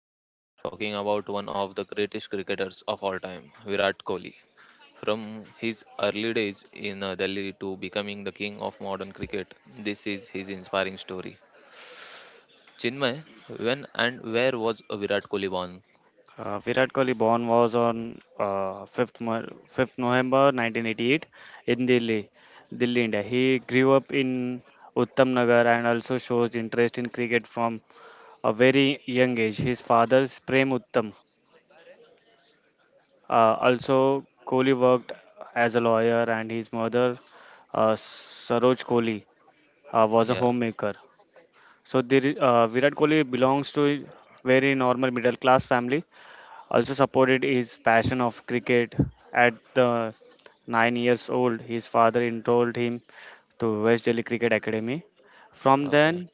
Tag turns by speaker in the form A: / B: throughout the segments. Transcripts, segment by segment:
A: and today we are talking about one of the greatest cricketers of all time, Virat Kohli. From his early days in Delhi to becoming the king of modern cricket, this is his inspiring story. Chinmay, when and where was Virat Kohli born?
B: Virat Kohli born was on 5th November 1988 in Delhi, Delhi, India. He grew up in Uttam Nagar and also shows interest in cricket from a very young age. His father's Prem Uttam. Also, Kohli worked as a lawyer, and his mother, Saroj Kohli, was a
A: Yeah,
B: homemaker. So, Virat Kohli belongs to a very normal middle class family. Also supported his passion of cricket. At the 9 years old, his father enrolled him to West Delhi Cricket Academy. From
A: okay.
B: then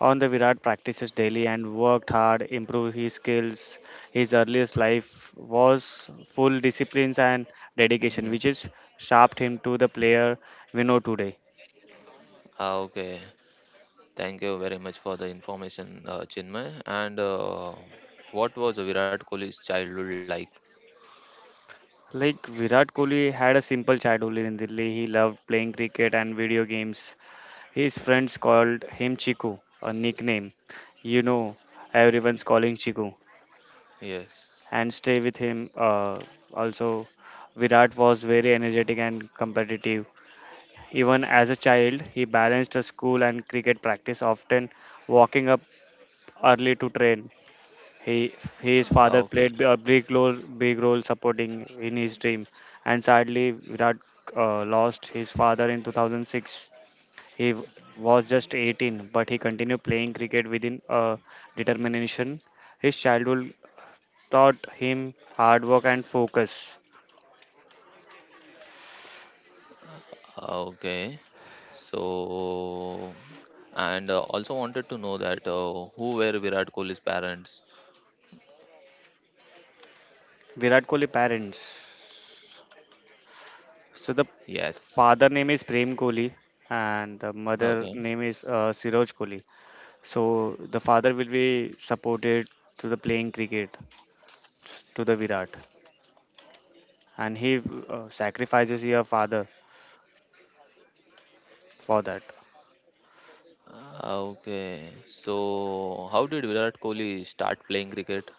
B: on, the Virat practices daily and worked hard, improved his skills. His earliest life was full disciplines and dedication,
A: Mhm.
B: which is shaped him to the player we know today.
A: Ah, okay, thank you very much for the information, Chinmay. And what was Virat Kohli's childhood like?
B: Like Virat Kohli had a simple childhood in Delhi. He loved playing cricket and video games. His friends called him Chiku, a nickname. You know, everyone's calling Chiku.
A: Yes.
B: And stay with him. Also, Virat was very energetic and competitive. Even as a child, he balanced a school and cricket practice, often walking up early to train.
A: Ah, okay.
B: He, his father played a big role supporting in his dream. And sadly, Virat lost his father in 2006. He was just 18, but he continued playing cricket within a determination. His childhood taught him hard work and focus.
A: Okay. So, and also wanted to know that who were Virat Kohli's parents?
B: Virat Kohli parents. So the
A: Yes.
B: father name is Prem Kohli and the
A: Okay.
B: mother name is Siroj Kohli. So the father will be supported to the playing cricket to the Virat, and he sacrifices your father for that.
A: Ah, okay. So, how did Virat Kohli start playing cricket?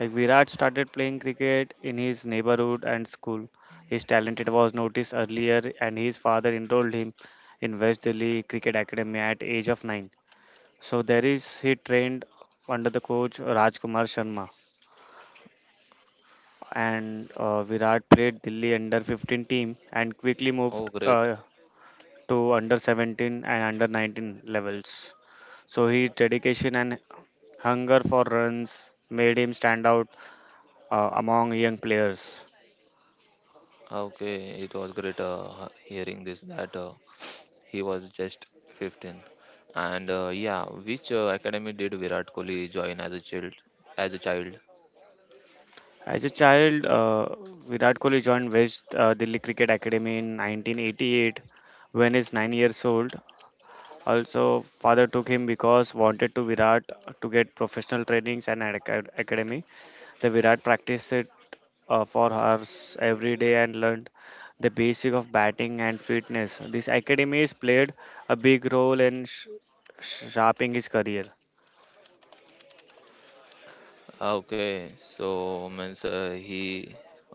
B: Like Virat started playing cricket in his neighborhood and school. His talent was noticed earlier, and his father enrolled him in West Delhi Cricket Academy at age of nine. So there is he trained under the coach Rajkumar Sharma, and Virat played Delhi under 15 team and quickly moved
A: Oh, great.
B: to under 17 and under 19 levels. So his dedication and hunger for runs made him stand out among young players.
A: Okay, it was great hearing this that he was just 15. And yeah, which academy did Virat Kohli join as a child? As a child?
B: As a child, Virat Kohli joined West Delhi Cricket Academy in 1988 when he's 9 years old. Also, father took him because wanted to Virat to get professional trainings and an academy. The Virat practiced it for hours every day and learned the basic of batting and fitness. This academy has played a big role in sharpening his career.
A: Ah, okay, so means he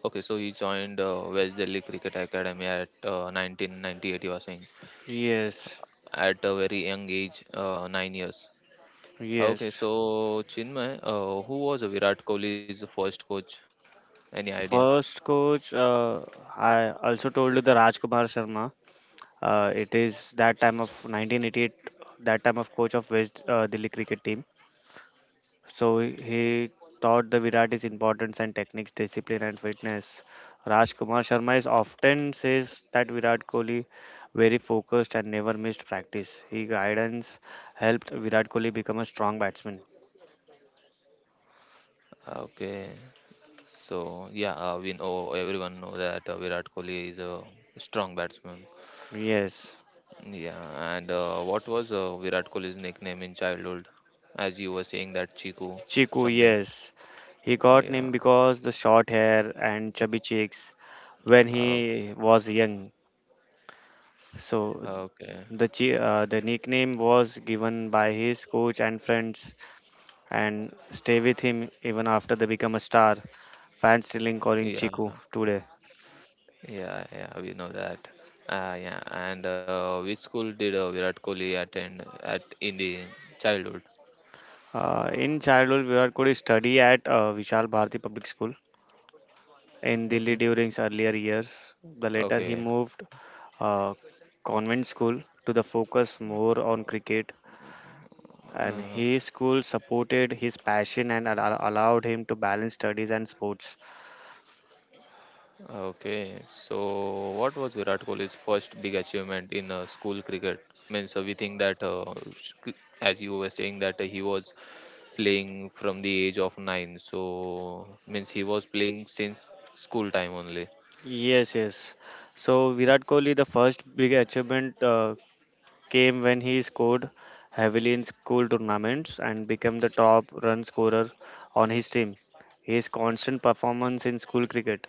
A: okay, so he joined West Delhi Cricket Academy at 1998. You are saying
B: Yes,
A: at a very young age, 9 years. Ah, okay,
B: yes.
A: so Chinmay, who was Virat Kohli's first coach? Any idea?
B: First coach, I also told you the Rajkumar Sharma. It is that time of 1988, that time of coach of West Delhi cricket team. So he taught the Virat his importance and techniques, discipline and fitness. Rajkumar Sharma is often says that Virat Kohli very focused and never missed practice. His guidance helped Virat Kohli become a strong batsman.
A: Ah, okay, so yeah, we know everyone know that Virat Kohli is a strong batsman.
B: Yes,
A: Yeah, and what was Virat Kohli's nickname in childhood? As you were saying that Chiku
B: Chiku,
A: something.
B: yes. He got
A: Yeah.
B: named because the short hair and chubby cheeks when
A: Oh,
B: he was young. So
A: okay.
B: the chi- uh, the nickname was given by his coach and friends and stay with him even after they become a star. Fans still calling
A: Yeah.
B: Chiku today.
A: Yeah. Yeah. We know that. Yeah. And which school did Virat Kohli attend at in the childhood?
B: In childhood, Virat Kohli studied at Vishal Bharati Public School in Delhi
A: Hmm.
B: during his earlier years. The later he
A: Okay.
B: moved uh, convent school to the focus more on cricket and
A: Uh,
B: his school supported his passion and allowed him to balance studies and sports.
A: okay. So, what was Virat Kohli's first big achievement in school cricket? Means we think that, as you were saying, that he was playing from the age of nine. So, means he was playing since school time only.
B: Yes, yes. So Virat Kohli, the first big achievement came when he scored heavily in school tournaments and became the top run scorer on his team. His constant performance in school cricket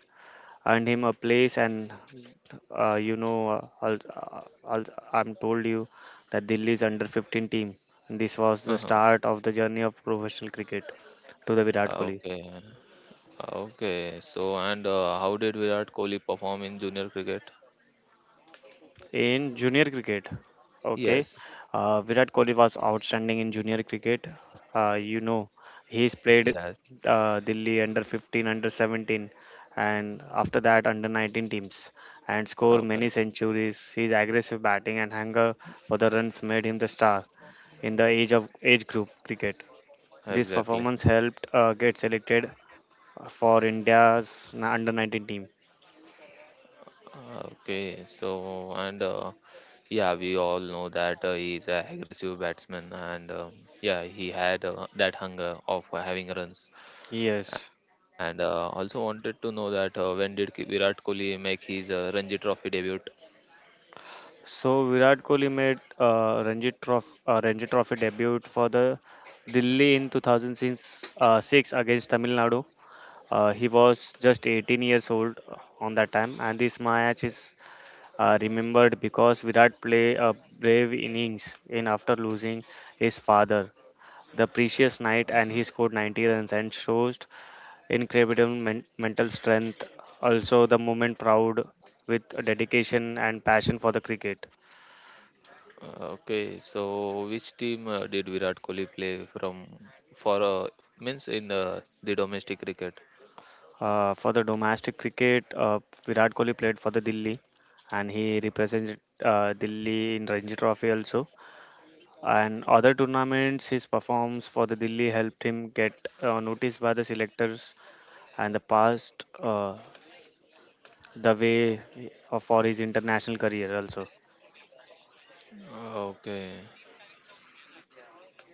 B: earned him a place and uh, you know, uh, I'll, uh, I'll, I'm told you that Delhi's under 15 team. And this was the
A: Uh-huh.
B: start of the journey of professional cricket to the Virat Kohli.
A: Okay, okay. So, and how did Virat Kohli perform in junior cricket?
B: In junior cricket, okay,
A: Yes,
B: Virat Kohli was outstanding in junior cricket. Uh, you know, he's played
A: yes.
B: Delhi under 15, under 17, and after that under 19 teams, and scored many
A: Okay,
B: centuries. His aggressive batting and hunger for the runs made him the star in the age of age group cricket. This
A: exactly.
B: performance helped get selected for India's under 19 team.
A: Okay, so and yeah, we all know that he is an aggressive batsman, and yeah, he had that hunger of having runs.
B: Yes.
A: And also wanted to know that when did Virat Kohli make his Ranji Trophy debut?
B: So Virat Kohli made Ranji Trophy debut for the Delhi in 2006 six against Tamil Nadu. He was just 18 years old on that time, and this match is remembered because Virat played a brave innings in after losing his father the previous night, and he scored 90 runs and shows incredible mental strength. Also, the moment proud with dedication and passion for the cricket.
A: Okay, so which team did Virat Kohli play from for means in the domestic cricket?
B: For the domestic cricket, Virat Kohli played for the Delhi, and he represented Delhi in Ranji Trophy also. And other tournaments, his performance for the Delhi helped him get noticed by the selectors, and the past the way for his international career also.
A: Okay,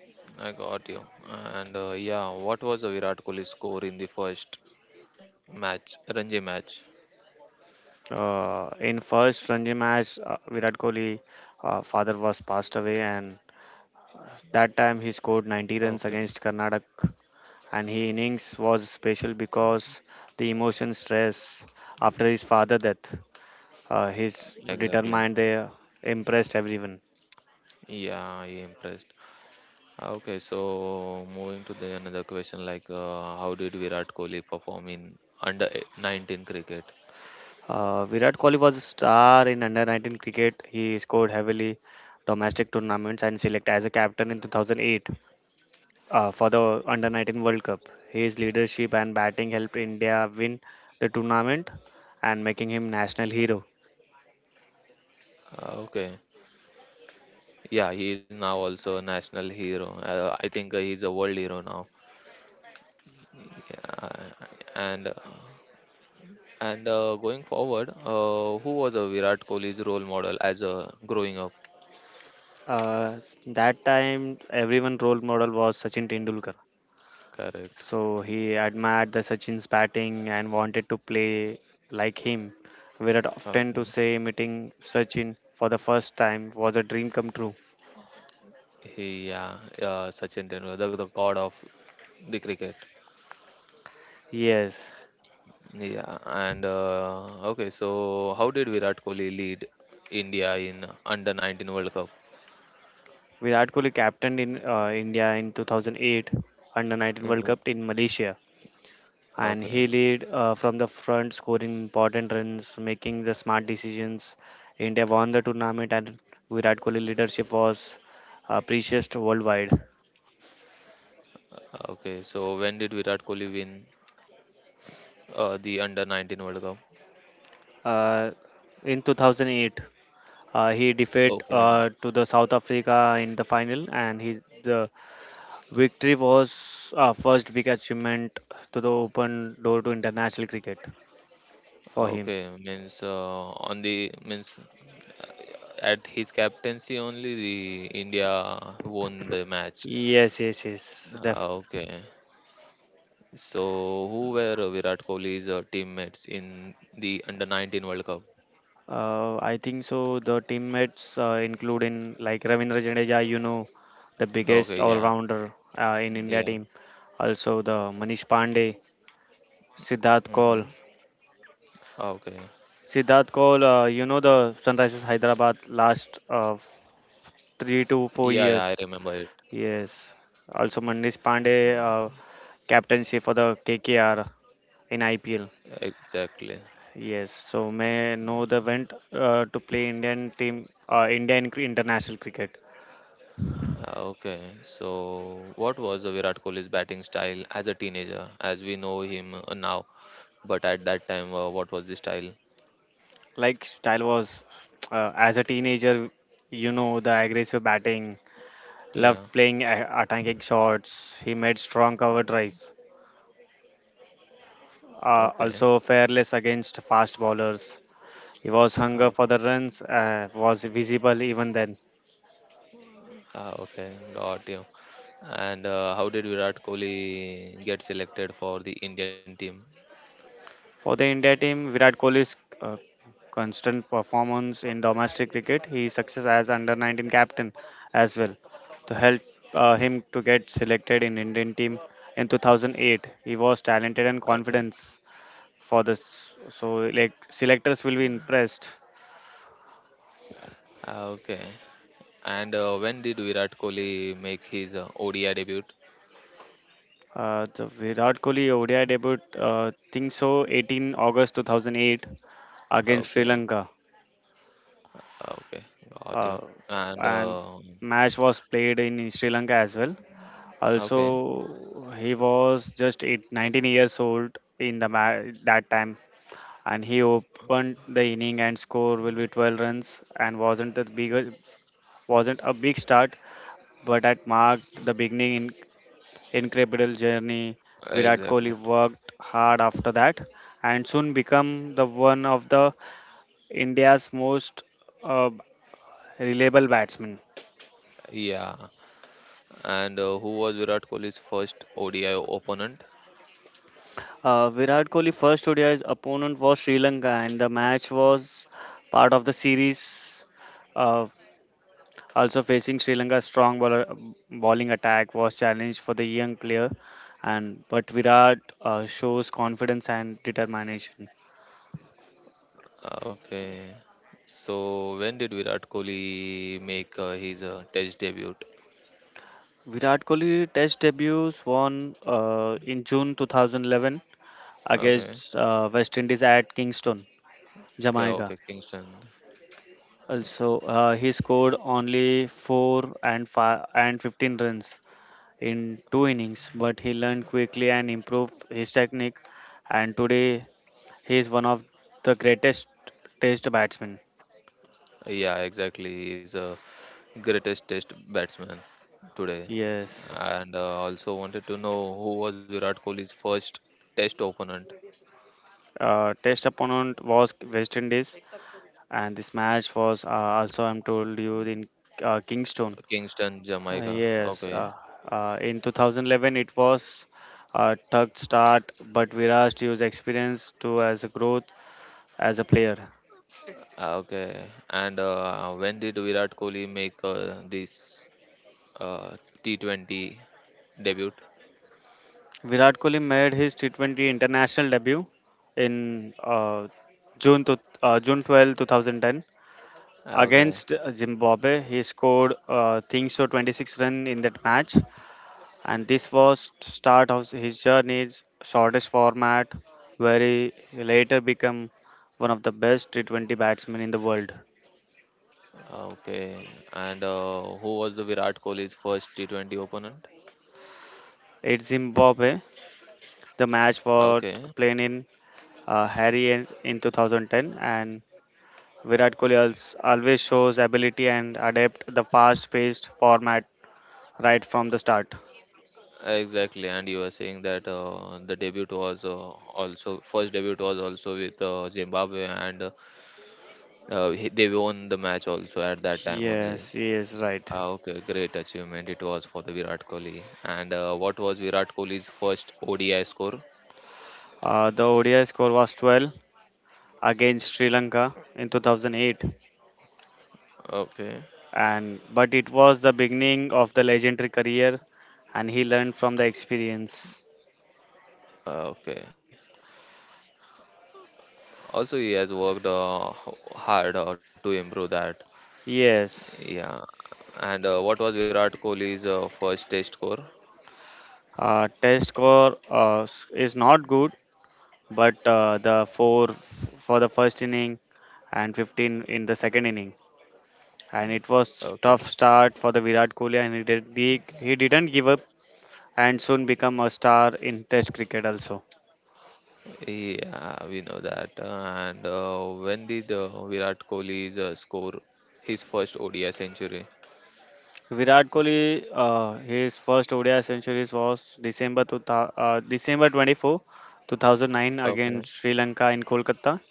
A: I got you. And yeah, what was the Virat Kohli score in the first match, Ranji match?
B: In first Ranji match, Virat Kohli father was passed away, and that time he scored 90
A: Okay,
B: runs against Karnataka and his innings was special because the emotion stress after his father death his
A: exactly.
B: determined they impressed everyone.
A: Yeah, I impressed. Okay, so moving to the another question, like how did Virat Kohli perform in under 19 cricket?
B: Virat Kohli was a star in under 19 cricket. He scored heavily domestic tournaments and selected as a captain in 2008 for the under 19 World Cup. His leadership and batting helped India win the tournament and making him national hero.
A: Okay, yeah, he is now also a national hero. I think he's a world hero now. Yeah, and uh, and going forward, who was a Virat Kohli's role model as a growing up?
B: uh, that time everyone role model was Sachin Tendulkar.
A: Correct.
B: So he admired the Sachin's batting and wanted to play like him. Virat often to
A: Okay.
B: say meeting Sachin for the first time was a dream come true.
A: He yeah, Sachin Tendulkar, the god of the cricket.
B: Yes,
A: Yeah, and okay, so how did Virat Kohli lead India in under 19 World Cup?
B: Virat Kohli captained in India in 2008 Under 19 World
A: Mm-hmm.
B: Cup in Malaysia, and
A: Okay,
B: he led from the front, scoring important runs, making the smart decisions. India won the tournament, and Virat Kohli leadership was appreciated worldwide.
A: okay. So when did Virat Kohli win uh, the under 19 World Cup.
B: Uh, in 2008. He defeated
A: Okay.
B: to the South Africa in the final, and his the victory was first big achievement to the open door to international cricket for him.
A: Okay. Means on the means uh, at his captaincy only the India won the match.
B: Yes, yes, yes.
A: Ah, okay. So who were Virat Kohli's teammates in the under 19 World Cup?
B: I think so. The teammates include in like Ravindra Jadeja, the
A: Okay.
B: biggest
A: Yeah.
B: all-rounder in India
A: Yeah.
B: team. Also the Manish Pandey, Siddharth
A: Mm-hmm.
B: Kaul.
A: Okay.
B: Siddharth Kaul, you know the Sunrisers Hyderabad last three to
A: Yeah.
B: four
A: Yeah. I
B: years.
A: remember it.
B: Yes. Also, Manish Pandey, captaincy for the KKR in IPL.
A: Exactly.
B: Yes. So, may know the went to play Indian team, Indian international cricket.
A: Okay, so what was the Virat Kohli's batting style as a teenager, as we know him now? But at that time, what was the style?
B: Like style was, as a teenager, you know the aggressive batting, loved
A: Yeah,
B: playing attacking shots. He made strong cover drive.
A: okay.
B: Also fearless against fast bowlers. He was hunger
A: Ah.
B: for the runs was visible even then.
A: Ah, okay, got you. And how did Virat Kohli get selected for the Indian team?
B: For the India team, Virat Kohli's uh, constant performance in domestic cricket, his success as under 19 captain as well, to help him to get selected in Indian team in 2008. He was talented and
A: Okay,
B: confident for this, so like selectors will be impressed.
A: ah, okay. And when did Virat Kohli make his ODI debut?
B: The Virat Kohli ODI debut, think so, 18 August 2008 against Sri
A: Okay,
B: Lanka,
A: okay, got
B: uh,
A: you. And
B: and
A: uh,
B: match was played in Sri Lanka as well.
A: okay,
B: Also, he was just 19 years old in the that time, and he opened the inning and score will be 12 runs and wasn't a big start, but that marked the beginning in incredible journey. Virat Kohli
A: exactly.
B: worked hard after that and soon become the one of the India's most uh, reliable batsmen.
A: Yeah, and who was Virat Kohli's first ODI opponent?
B: Virat Kohli first ODI's opponent was Sri Lanka, and the match was part of the series. Uh, Also facing Sri Lanka's bowling attack was challenged for the young player, and but Virat shows confidence and determination.
A: Okay. So when did Virat Kohli make his Test debut?
B: Virat Kohli Test debuts won in June 2011
A: Okay.
B: against West Indies at Kingston,
A: Okay,
B: Jamaica.
A: okay, Kingston.
B: Also, he scored only 4 and 5 and 15 runs in two innings, but he learned quickly and improved his technique. And today, he is one of the greatest Test batsmen.
A: Yeah, exactly. He's a greatest Test batsman today.
B: Yes.
A: And also wanted to know who was Virat Kohli's first Test opponent?
B: Test opponent was West Indies, and this match was also, I'm told you, in Kingston.
A: Kingston, Jamaica.
B: Yes.
A: Okay.
B: In 2011, it was a tough start, but Viraj used experience to as a growth as a player.
A: Ah, okay. And when did Virat Kohli make this uh, T20 debut.
B: Virat Kohli made his T20 international debut in June 12, 2010
A: Okay.
B: against Zimbabwe. He scored think so 26 run in that match, and this was start of his journey's shortest format, where he later became one of the best T20 batsmen in the world.
A: Okay, and who was the Virat Kohli's first T20 opponent?
B: At Zimbabwe, the match was
A: Okay,
B: played in Harry in 2010, and Virat Kohli always shows ability and adapt the fast-paced format right from the start.
A: exactly. And you were saying that the debut was also first debut was also with Zimbabwe, and they won the match also at that time only.
B: Yes, he is right.
A: Ah, okay, great achievement it was for the Virat Kohli. And what was Virat Kohli's first ODI score?
B: The ODI score was 12 against Sri Lanka in 2008,
A: Okay,
B: and but it was the beginning of the legendary career, and he learned from the experience.
A: okay. Also he has worked hard to improve that.
B: Yes,
A: Yeah, and what was Virat Kohli's first test score?
B: test score is not good, but the four for the first inning and 15 in the second inning. And it was
A: Okay.
B: tough start for the Virat Kohli and he didn't give up and soon become a star in Test cricket also.
A: Yeah, we know that. And when did Virat Kohli's score his first ODI century?
B: Virat Kohli his first ODI centuries was December 24, 2009 against
A: Okay.
B: Sri Lanka in Kolkata.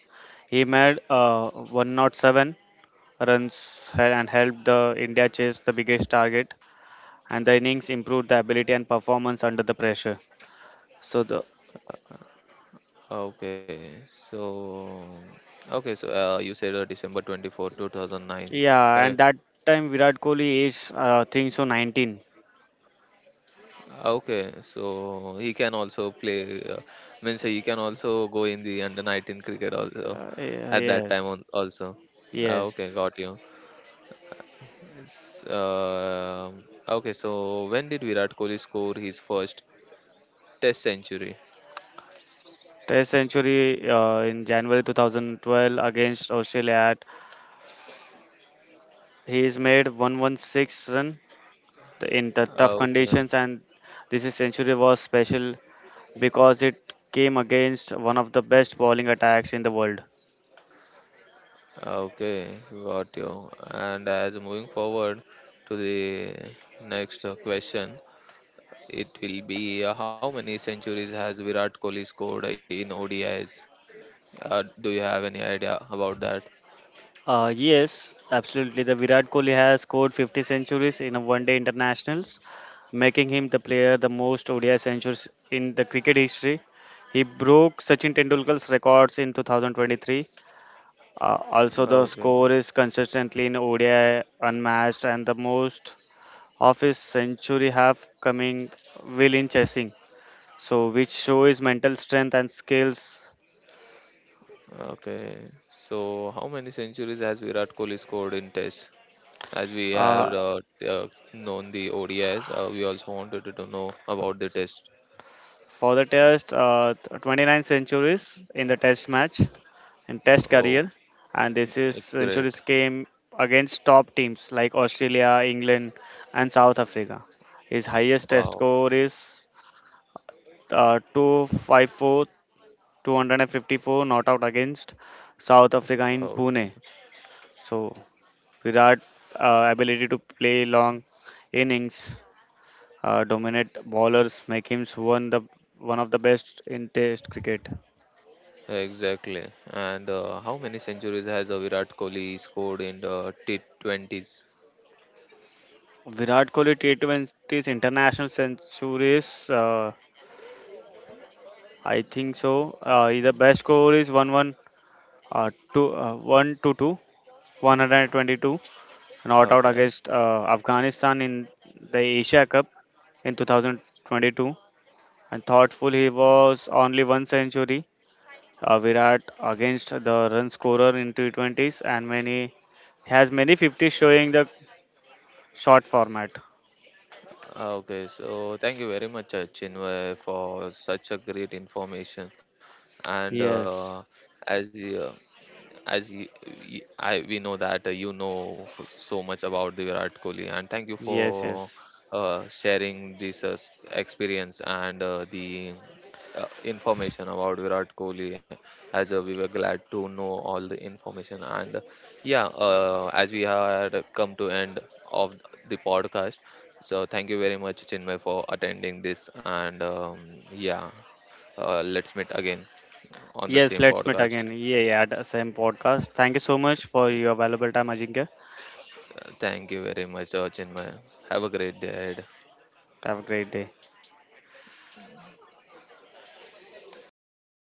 B: He made 107 runs and helped the India chase the biggest target and the innings improved the ability and performance under the pressure. So the.
A: Okay, so okay, so you said december 24 2009.
B: Yeah,
A: Correct.
B: and that time Virat Kohli is, I think so, 19.
A: Ah, okay, so he can also play, means he can also go in the under 19 cricket also at that time
B: Yes,
A: on, also. Ah,
B: yes.
A: okay, got you. S- uh, okay, so when did Virat Kohli score his first Test century?
B: Test century in January 2012 against Australia. At, he's made 116 run in the
A: Ah,
B: tough
A: okay,
B: conditions, and this is century was special because it came against one of the best bowling attacks in the world.
A: ah, okay, got you. And as moving forward to the next question, it will be how many centuries has Virat Kohli scored in ODIs? Do you have any idea about that?
B: Yes, absolutely. The Virat Kohli has scored 50 centuries in a one-day internationals, making him the player the most ODI centuries in the cricket history. He broke Sachin Tendulkar's records in 2023. Also, the
A: Okay.
B: score is consistently in ODI unmatched, and the most of his century have coming will in chasing. So, which show his mental strength and skills.
A: Okay. So how many centuries has Virat Kohli scored in Tests? As we
B: Uh,
A: have known the ODIs, we also wanted to know about the Test.
B: for the test 29 centuries in the test match and test
A: Oh,
B: career. And this is
A: it's great.
B: centuries came against top teams like Australia, England, and South Africa. His highest test
A: Wow.
B: score is uh, 254 254 not out against South Africa in
A: Oh,
B: Pune. So Virat ability to play long innings dominate bowlers make him one the one of the best in test cricket.
A: exactly. And how many centuries has Virat Kohli scored in the T20s?
B: Virat Kohli T20's international centuries, I think so. He's the best score is uh, two, uh, 122, 122, not out
A: Okay.
B: against Afghanistan in the Asia Cup in 2022. And thoughtful, he was only one century. Virat against the run scorer in T20s and many has many 50 showing the short format.
A: Ah, okay, so thank you very much, Chinmay, for such a great information. And
B: Yes,
A: as you, as you, you- I we know that you know so much about the Virat Kohli, and thank you for
B: yes, yes.
A: sharing this experience and the information about Virat Kohli. As we were glad to know all the information, and yeah, as we had come to end of the podcast, so thank you very much, Chinmay, for attending this, and yeah, let's meet again on the
B: Yes,
A: same
B: let's meet
A: podcast.
B: again. Yeah, yeah, at the same podcast. Thank you so much for your valuable time, Ajinkya.
A: Thank you very much, Chinmay. Have a great day ahead.
B: Have a great day.